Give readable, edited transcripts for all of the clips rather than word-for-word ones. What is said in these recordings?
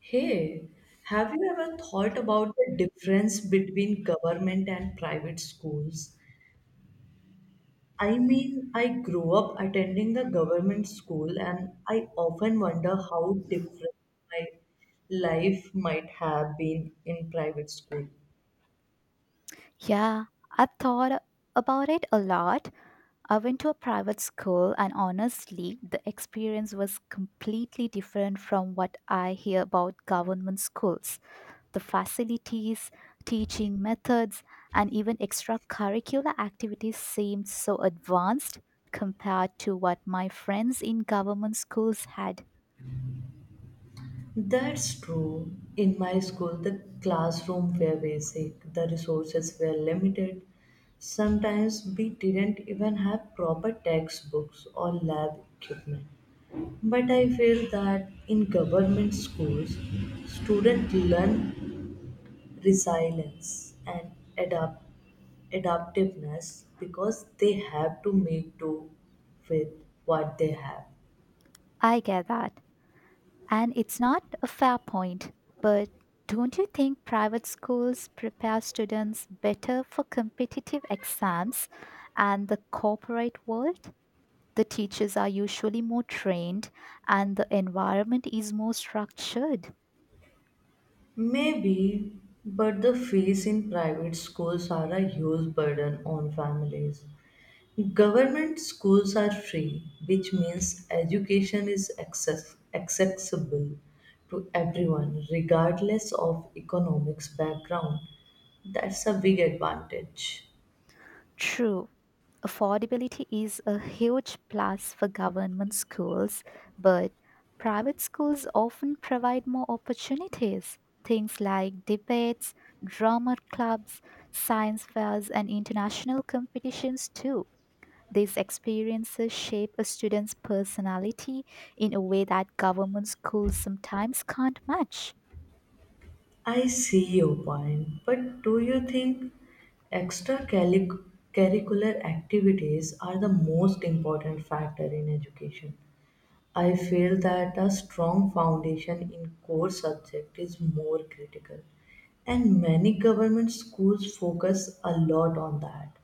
Hey, have you ever thought about the difference between government and private schools? I mean, I grew up attending the government school, and I often wonder how different my life might have been in private school. Yeah, I've thought about it a lot. I went to a private school, and honestly, the experience was completely different from what I hear about government schools. The facilities, teaching methods, and even extracurricular activities seemed so advanced compared to what my friends in government schools had. That's true. In my school, the classroom were basic, the resources were limited. Sometimes we didn't even have proper textbooks or lab equipment. But I feel that in government schools, students learn resilience and adapt, adaptiveness because they have to make do with what they have. I get that. And it's not a fair point, but don't you think private schools prepare students better for competitive exams and the corporate world? The teachers are usually more trained and the environment is more structured. Maybe, but the fees in private schools are a huge burden on families. Government schools are free, which means education is accessible to everyone, regardless of economics background. That's a big advantage. True, affordability is a huge plus for government schools, but private schools often provide more opportunities. Things like debates, drama clubs, science fairs, and international competitions, too. These experiences shape a student's personality in a way that government schools sometimes can't match. I see your point, but do you think extracurricular activities are the most important factor in education? I feel that a strong foundation in core subject is more critical and many government schools focus a lot on that.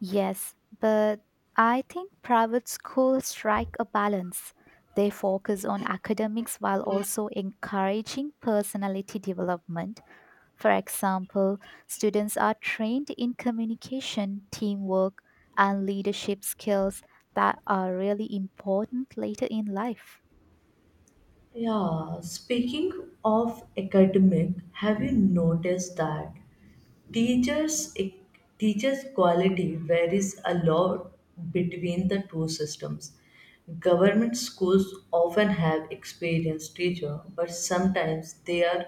Yes, but I think private schools strike a balance. They focus on academics while also encouraging personality development. For example, students are trained in communication, teamwork, and leadership skills that are really important later in life. Yeah, speaking of academic, have you noticed that teachers teachers quality varies a lot between the two systems. Government schools often have experienced teacher, but sometimes they are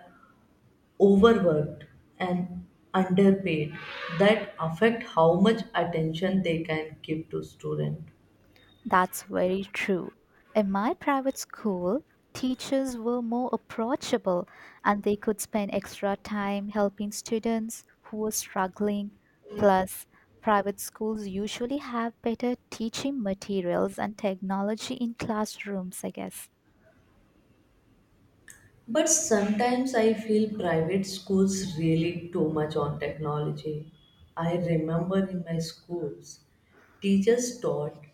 overworked and underpaid that affect how much attention they can give to student. That's very true. In my private school, teachers were more approachable and they could spend extra time helping students who were struggling. Plus, private schools usually have better teaching materials and technology in classrooms, I guess. But sometimes I feel private schools really too much on technology. I remember in my schools teachers taught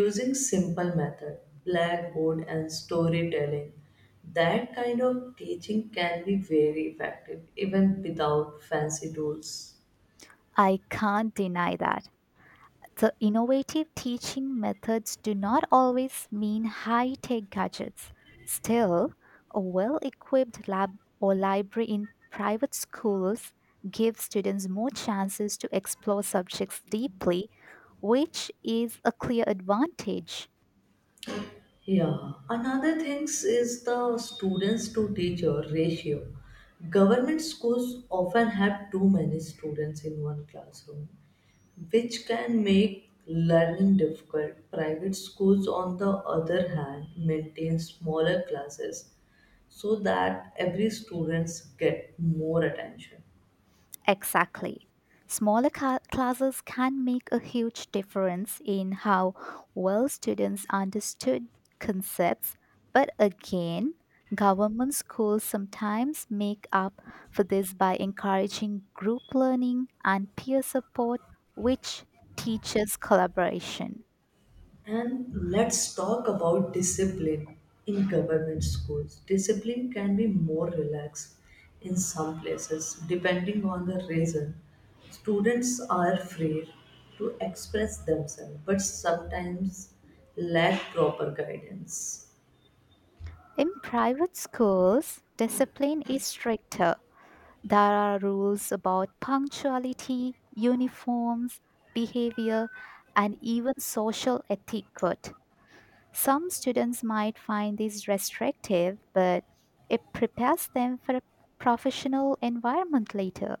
using simple method, blackboard and storytelling. That kind of teaching can be very effective even without fancy tools. I can't deny that. The innovative teaching methods do not always mean high tech gadgets. Still, a well equipped lab or library in private schools gives students more chances to explore subjects deeply, which is a clear advantage. Yeah, another things is the students to teacher ratio. Government schools often have too many students in one classroom, which can make learning difficult. Private schools, on the other hand, maintain smaller classes so that every students get more attention. Exactly. Smaller classes can make a huge difference in how well students understood concepts, but again, government schools sometimes make up for this by encouraging group learning and peer support, which teaches collaboration. And let's talk about discipline in government schools. Discipline can be more relaxed in some places depending on the reason. Students are free to express themselves but sometimes lack proper guidance. In private schools, discipline is stricter. There are rules about punctuality, uniforms, behavior, and even social etiquette. Some students might find this restrictive, but it prepares them for a professional environment later.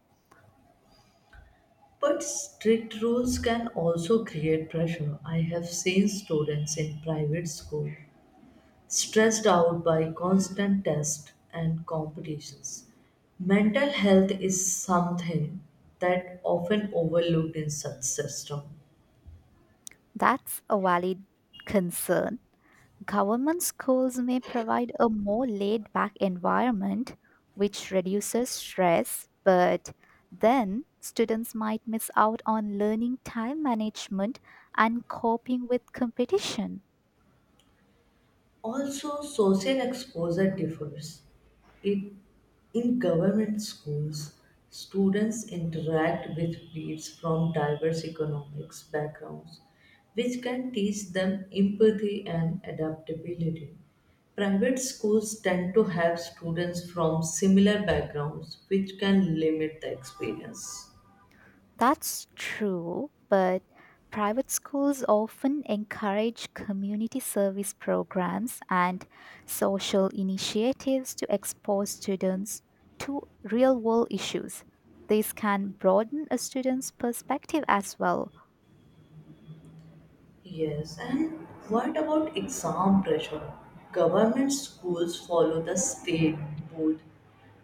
But strict rules can also create pressure. I have seen students in private school stressed out by constant tests and competitions. Mental health is something that often overlooked in such system. That's a valid concern. Government schools may provide a more laid back environment, which reduces stress, but then students might miss out on learning time management and coping with competition. Also, social exposure differs. It In government schools, students interact with peers from diverse economics backgrounds, which can teach them empathy and adaptability. Private schools tend to have students from similar backgrounds, which can limit the experience. That's true, but private schools often encourage community service programs and social initiatives to expose students to real world issues. This can broaden a student's perspective as well. Yes, and what about exam pressure? Government schools follow the state board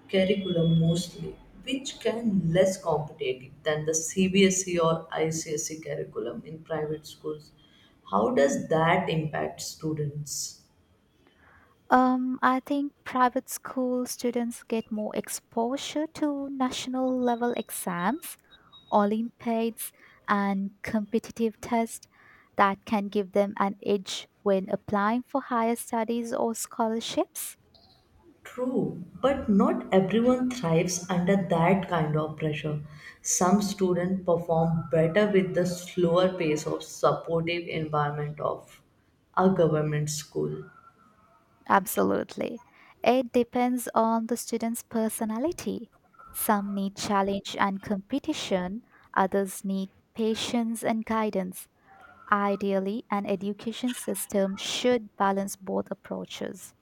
curriculum mostly, which can less competitive than the CBSE or ICSE curriculum in private schools. How does that impact students? I think private school students get more exposure to national level exams, Olympiads, and competitive tests that can give them an edge when applying for higher studies or scholarships. True, but not everyone thrives under that kind of pressure. Some students perform better with the slower pace of supportive environment of a government school. Absolutely. It depends on the student's personality. Some need challenge and competition, others need patience and guidance. Ideally, an education system should balance both approaches.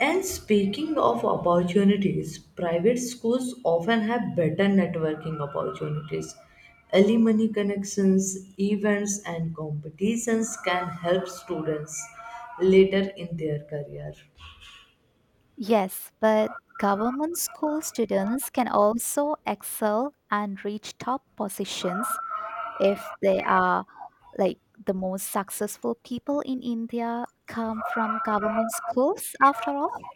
And speaking of opportunities, private schools often have better networking opportunities. Alumni connections, events, and competitions can help students later in their career. Yes, but government school students can also excel and reach top positions if they are like the most successful people in India come from government schools after all.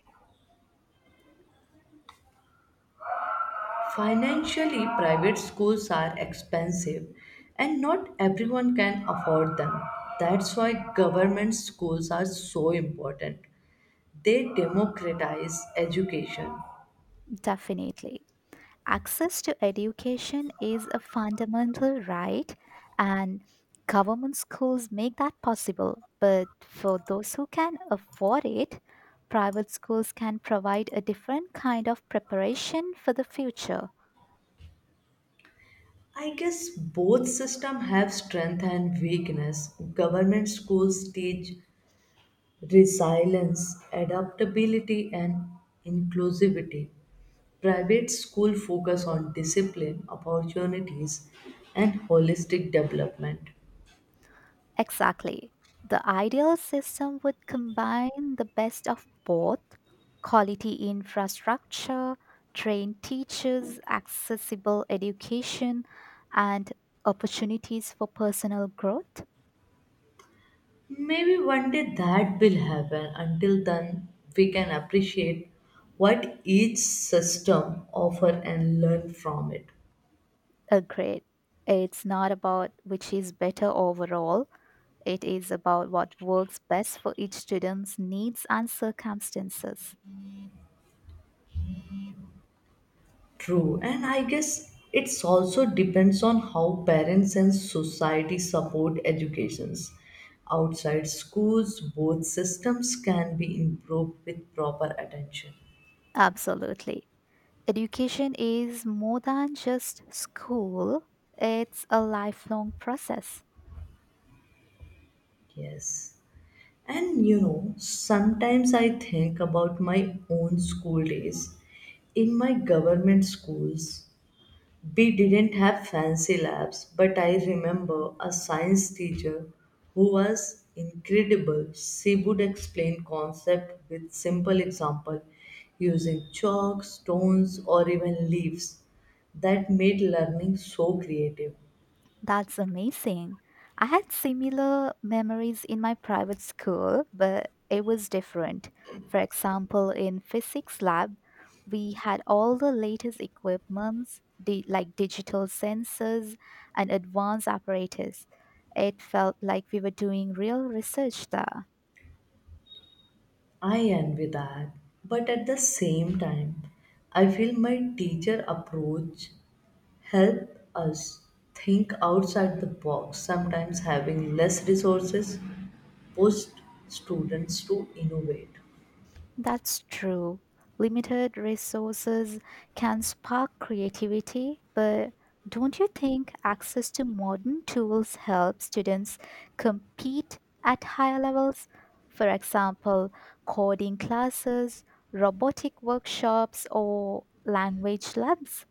Financially, private schools are expensive and not everyone can afford them. That's why government schools are so important. They democratize education. Definitely. Access to education is a fundamental right, and government schools make that possible. But for those who can afford it, private schools can provide a different kind of preparation for the future. I guess both systems have strength and weakness. Government schools teach resilience, adaptability, and inclusivity. Private school focus on discipline, opportunities, and holistic development. Exactly. The ideal system would combine the best of both: quality infrastructure, trained teachers, accessible education, and opportunities for personal growth. Maybe one day that will happen. Until then, we can appreciate what each system offers and learn from it. Agreed. It's not about which is better overall, it is about what works best for each student's needs and circumstances. True, and I guess it's also depends on how parents and society support educations. Outside schools, both systems can be improved with proper attention. Absolutely. Education is more than just school, it's a lifelong process. Yes. And you know, sometimes I think about my own school days. In my government schools, we didn't have fancy labs, but I remember a science teacher who was incredible. She would explain concept with simple example using chalk, stones, or even leaves. That made learning so creative. That's amazing. I had similar memories in my private school, but it was different. For example, in physics lab, we had all the latest equipments, like digital sensors and advanced apparatus. It felt like we were doing real research there. I envy that. But at the same time, I feel my teacher approach help us think outside the box sometimes having less resources push students to innovate. That's true. Limited resources can spark creativity, but don't you think access to modern tools helps students compete at higher levels? For example, coding classes, robotic workshops, or language labs?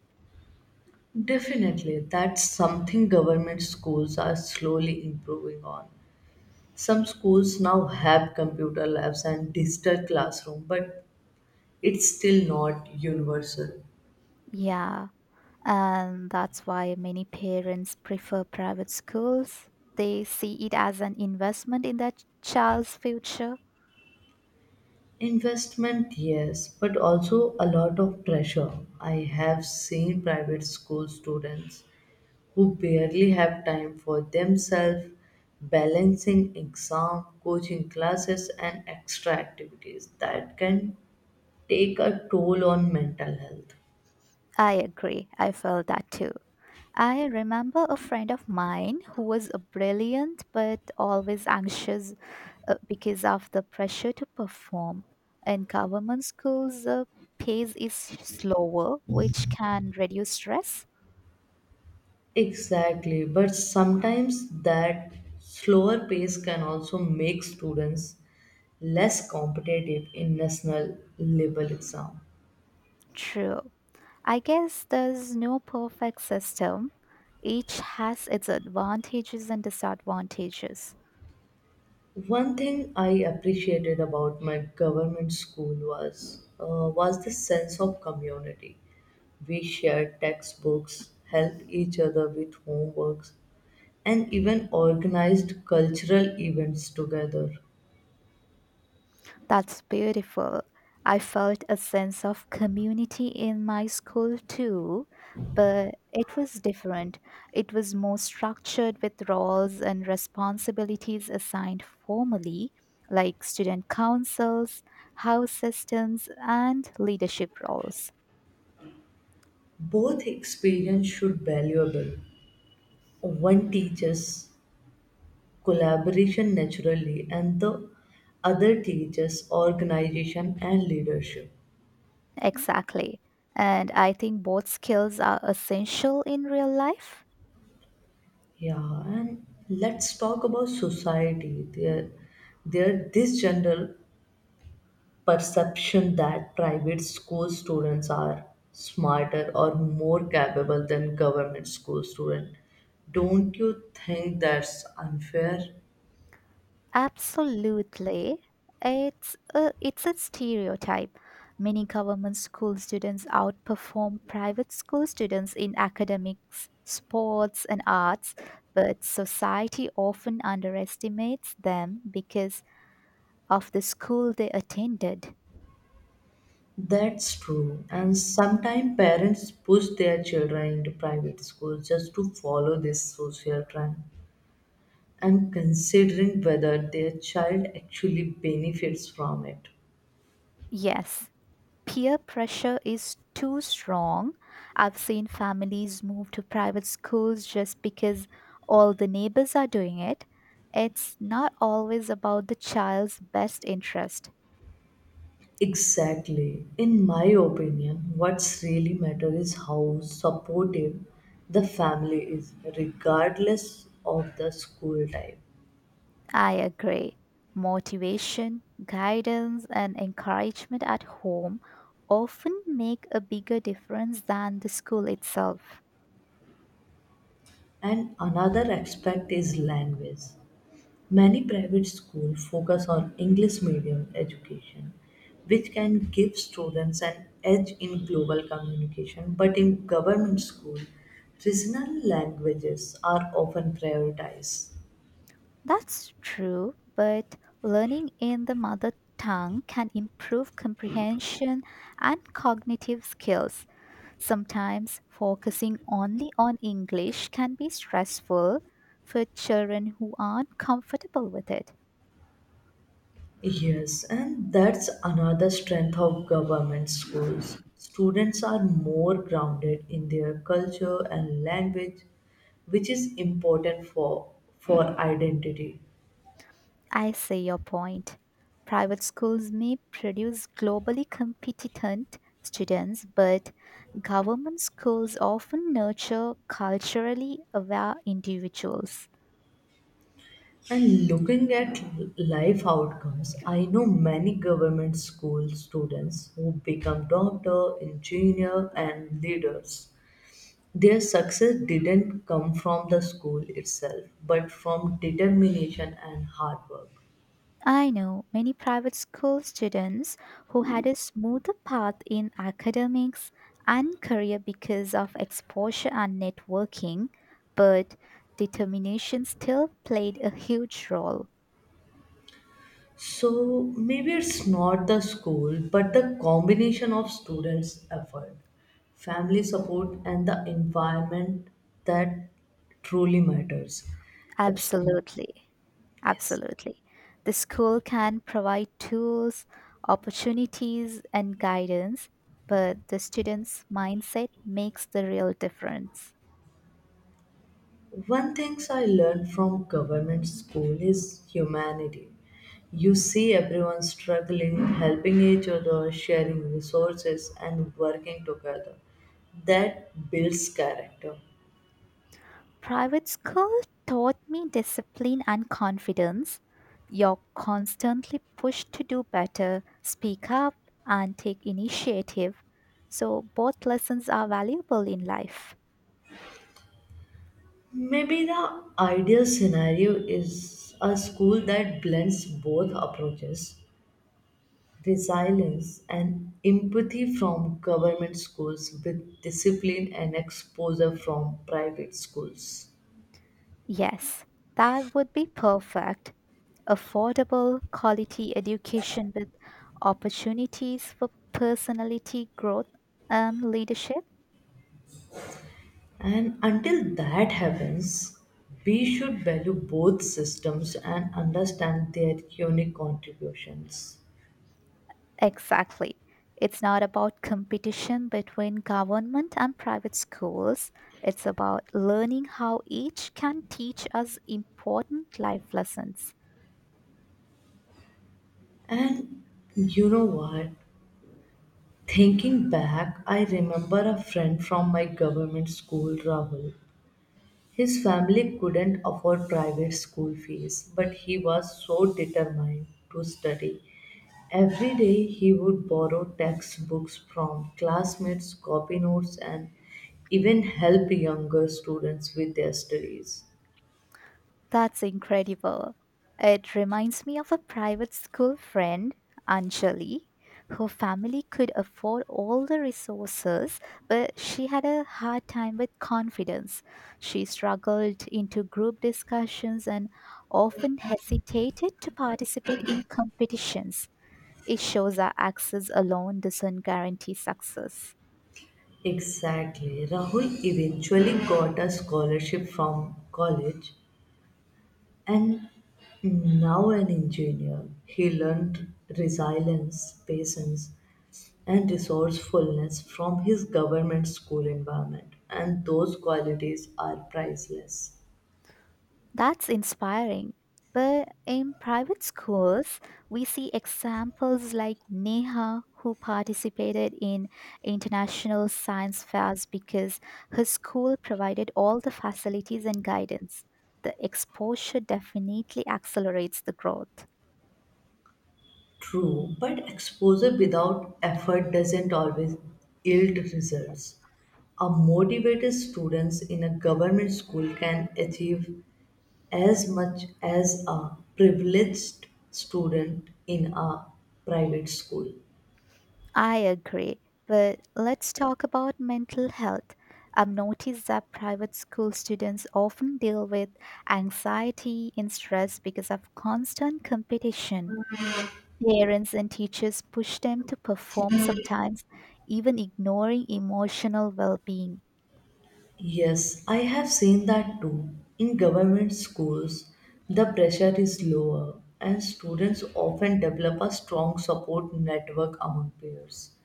Definitely, that's something government schools are slowly improving on. Some schools now have computer labs and digital classroom, but it's still not universal. Yeah, and that's why many parents prefer private schools. They see it as an investment in their child's future. Investment, yes, but also a lot of pressure. I have seen private school students who barely have time for themselves, balancing exam, coaching classes, and extra activities that can take a toll on mental health. I agree. I felt that too. I remember a friend of mine who was a brilliant but always anxious because of the pressure to perform. In government schools, pace is slower, which can reduce stress. Exactly, but sometimes that slower pace can also make students less competitive in national level exam. True. I guess there's no perfect system. Each has its advantages and disadvantages. One thing I appreciated about my government school was the sense of community. We shared textbooks, helped each other with homeworks, and even organized cultural events together. That's beautiful. I felt a sense of community in my school too, but it was different. It was more structured with roles and responsibilities assigned formally, like student councils, house systems, and leadership roles. Both experience should valuable. One teaches collaboration naturally, and the other teaches organization and leadership. Exactly. And I think both skills are essential in real life. Yeah, and let's talk about society. There this general perception that private school students are smarter or more capable than government school students. Don't you think that's unfair? Absolutely. It's a stereotype. Many government school students outperform private school students in academics, sports, and arts, but society often underestimates them because of the school they attended. That's true. And sometimes parents push their children into private schools just to follow this social trend and considering whether their child actually benefits from it. Yes, peer pressure is too strong. I've seen families move to private schools just because all the neighbors are doing it. It's not always about the child's best interest. Exactly. In my opinion, what's really matter is how supportive the family is, regardless of the school type. I agree. Motivation, guidance, and encouragement at home often make a bigger difference than the school itself. And another aspect is language. Many private schools focus on English medium education, which can give students an edge in global communication. But in government school, regional languages are often prioritized. That's true, but learning in the mother tongue can improve comprehension and cognitive skills. Sometimes focusing only on English can be stressful for children who aren't comfortable with it. Yes, and that's another strength of government schools. Students are more grounded in their culture and language, which is important for identity. I see your point. Private schools may produce globally competent students, but government schools often nurture culturally aware individuals. And looking at life outcomes, I know many government school students who become doctor, engineer, and leaders. Their success didn't come from the school itself, but from determination and hard work. I know many private school students who had a smoother path in academics and career because of exposure and networking, but determination still played a huge role. So maybe it's not the school, but the combination of students' effort, family support, and the environment that truly matters. Absolutely, Absolutely. yes. Absolutely. The school can provide tools, opportunities, and guidance, but the student's mindset makes the real difference. One thing I learned from government school is humanity. You see everyone struggling, helping each other, sharing resources, and working together. That builds character. Private school taught me discipline and confidence. You're constantly pushed to do better, speak up, and take initiative. So, both lessons are valuable in life. Maybe the ideal scenario is a school that blends both approaches, resilience and empathy from government schools with discipline and exposure from private schools. Yes, that would be perfect. Affordable, quality education with opportunities for personality growth and leadership. And until that happens, we should value both systems and understand their unique contributions. Exactly. It's not about competition between government and private schools. It's about learning how each can teach us important life lessons. And you know what? Thinking back, I remember a friend from my government school, Rahul. His family couldn't afford private school fees, but he was so determined to study. Every day he would borrow textbooks from classmates, copy notes, and even help younger students with their studies. That's incredible. It reminds me of a private school friend, Anjali, whose family could afford all the resources, but she had a hard time with confidence. She struggled into group discussions and often hesitated to participate in competitions. It shows that access alone doesn't guarantee success. Exactly. Rahul eventually got a scholarship from college and now an engineer. He learned resilience, patience, and resourcefulness from his government school environment, and those qualities are priceless. That's inspiring. But in private schools, we see examples like Neha, who participated in international science fairs because her school provided all the facilities and guidance. The exposure definitely accelerates the growth. True, but exposure without effort doesn't always yield results. A motivated students in a government school can achieve as much as a privileged student in a private school. I agree, but let's talk about mental health. I've noticed that private school students often deal with anxiety and stress because of constant competition. Parents and teachers push them to perform sometimes, even ignoring emotional well being. Yes, I have seen that too. In government schools, the pressure is lower and students often develop a strong support network among peers.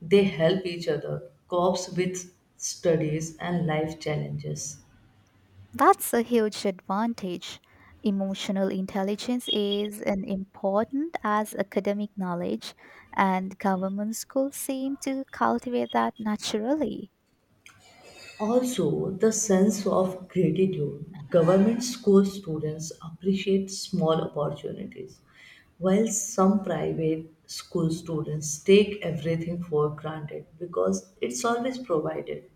They help each other cope with studies and life challenges. That's a huge advantage. Emotional intelligence is as important as academic knowledge, and government schools seem to cultivate that naturally. Also, the sense of gratitude. Government school students appreciate small opportunities, while some private school students take everything for granted because it's always provided.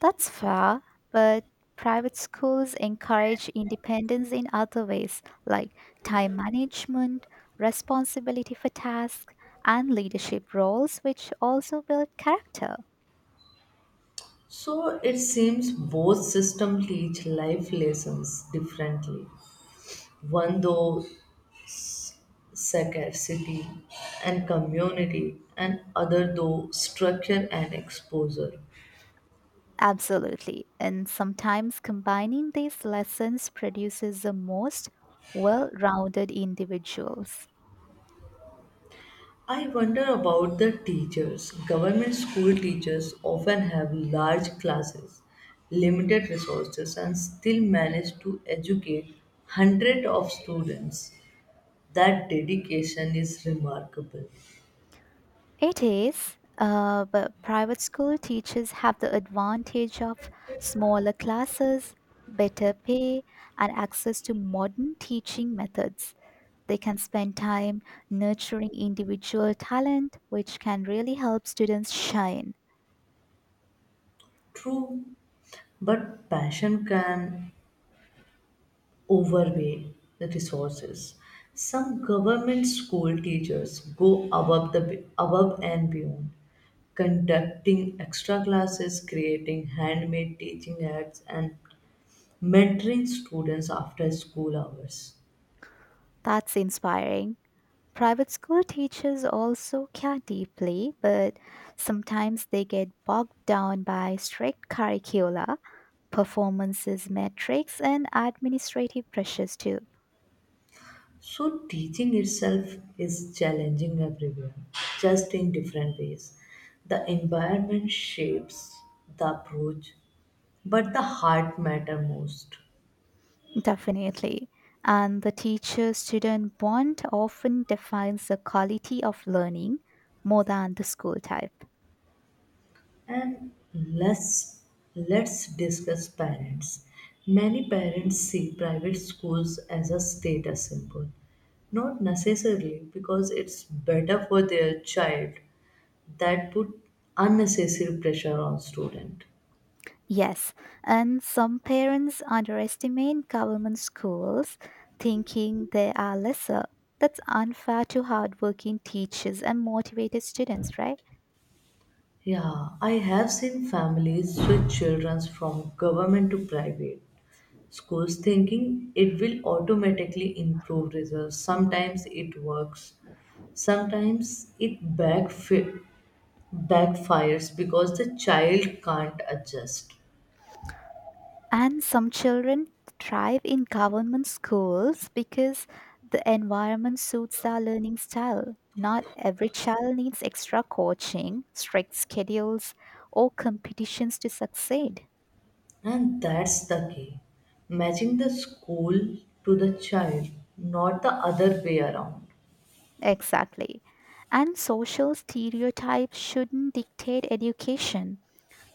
That's fair, but private schools encourage independence in other ways, like time management, responsibility for tasks, and leadership roles, which also build character. So, it seems both systems teach life lessons differently. One though scarcity and community, and other though structure and exposure. Absolutely. And sometimes combining these lessons produces the most well rounded individuals. I wonder about the teachers. Government school teachers often have large classes, limited resources, and still manage to educate hundreds of students. That dedication is remarkable. It is, but private school teachers have the advantage of smaller classes, better pay, and access to modern teaching methods. They can spend time nurturing individual talent, which can really help students shine. True, but passion can overweigh the resources. Some government school teachers go above and beyond, conducting extra classes, creating handmade teaching aids, and mentoring students after school hours. That's inspiring. Private school teachers also care deeply, but sometimes they get bogged down by strict curricula, performances, metrics, and administrative pressures too. So teaching itself is challenging everywhere, just in different ways. The environment shapes the approach, but the heart matter most. Definitely. And the teacher student bond often defines the quality of learning more than the school type. And let's discuss parents. Many parents see private schools as a status symbol. Not necessarily because it's better for their child. That put unnecessary pressure on student. Yes, and some parents underestimate government schools, thinking they are lesser. That's unfair to hardworking teachers and motivated students, right? Yeah, I have seen families switch children from government to private schools thinking it will automatically improve results. Sometimes it works, sometimes it backfires because the child can't adjust. And some children thrive in government schools because the environment suits their learning style. Not every child needs extra coaching, strict schedules, or competitions to succeed. And that's the key. Matching the school to the child, not the other way around. Exactly. And social stereotypes shouldn't dictate education.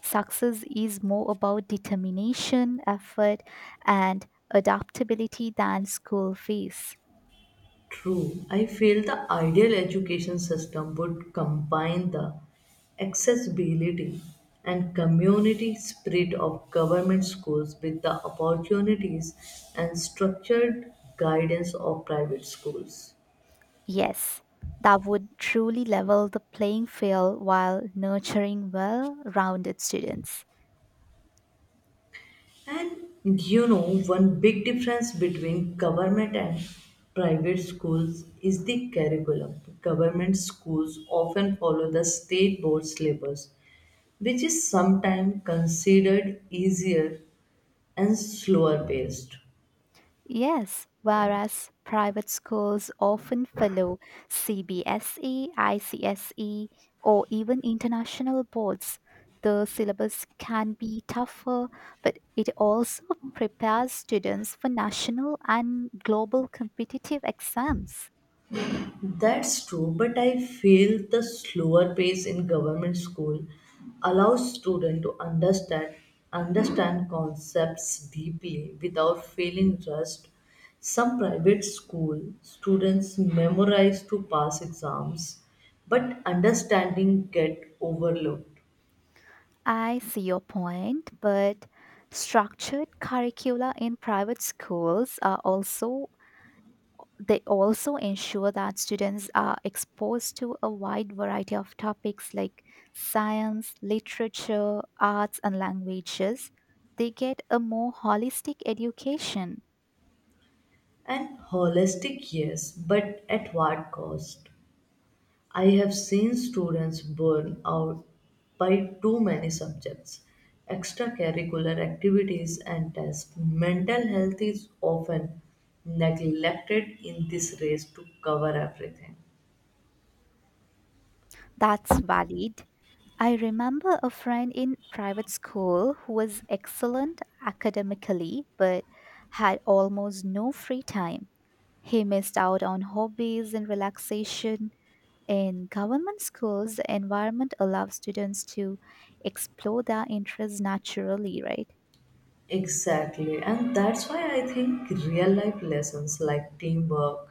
Success is more about determination, effort, and adaptability than school fees. True, I feel the ideal education system would combine the accessibility and community spirit of government schools with the opportunities and structured guidance of private schools. Yes, that would truly level the playing field while nurturing well rounded students. And you know, one big difference between government and private schools is the curriculum. Government schools often follow the state board syllabus, which is sometimes considered easier and slower paced. Yes, whereas private schools often follow CBSE, ICSE, or even international boards, the syllabus can be tougher, but it also prepares students for national and global competitive exams. That's true, but I feel the slower pace in government school allows students to understand concepts deeply without feeling rushed. Some private school students memorize to pass exams, but understanding get overlooked. I see your point, but structured curricula in private schools are also they also ensure that students are exposed to a wide variety of topics like science, literature, arts and languages. They get a more holistic education. And holistic, yes, but at what cost? I have seen students burn out by too many subjects, extracurricular activities, and tests. Mental health is often neglected in this race to cover everything. That's valid. I remember a friend in private school who was excellent academically but had almost no free time. He missed out on hobbies and relaxation. In government schools, the environment allows students to explore their interests naturally, right? Exactly, and that's why I think real life lessons like teamwork,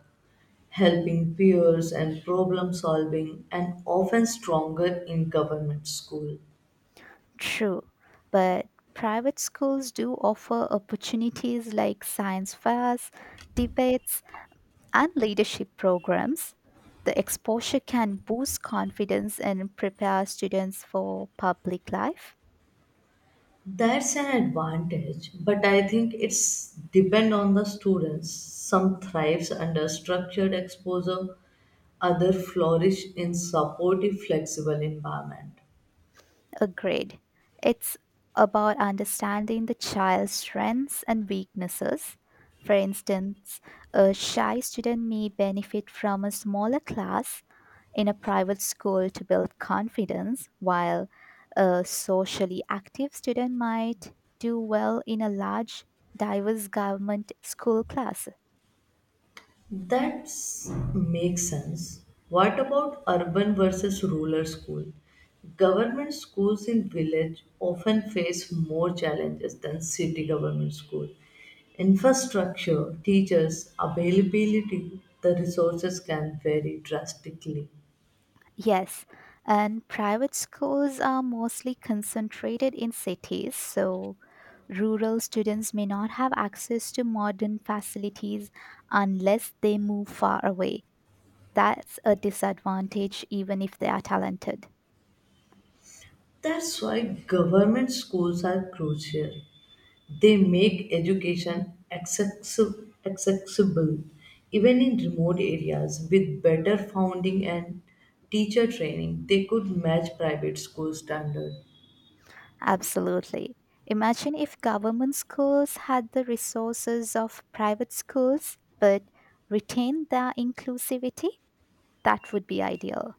helping peers, and problem solving, and often stronger in government school. True. But private schools do offer opportunities like science fairs, debates, and leadership programs. The exposure can boost confidence and prepare students for public life. That's an advantage, but I think it's depend on the students. Some thrives under structured exposure, other flourish in supportive, flexible environment. Agreed. It's about understanding the child's strengths and weaknesses. For instance, a shy student may benefit from a smaller class in a private school to build confidence, while a socially active student might do well in a large, diverse government school class. That makes sense. What about urban versus rural school? Government schools in village often face more challenges than city government school. Infrastructure, teachers, availability, the resources can vary drastically. Yes, and private schools are mostly concentrated in cities, so rural students may not have access to modern facilities unless they move far away. That's a disadvantage, even if they are talented. That's why government schools are crucial. They make education accessible even in remote areas with better funding and teacher training. They could match private school standards. Absolutely. Imagine if government schools had the resources of private schools but retained their inclusivity. That would be ideal.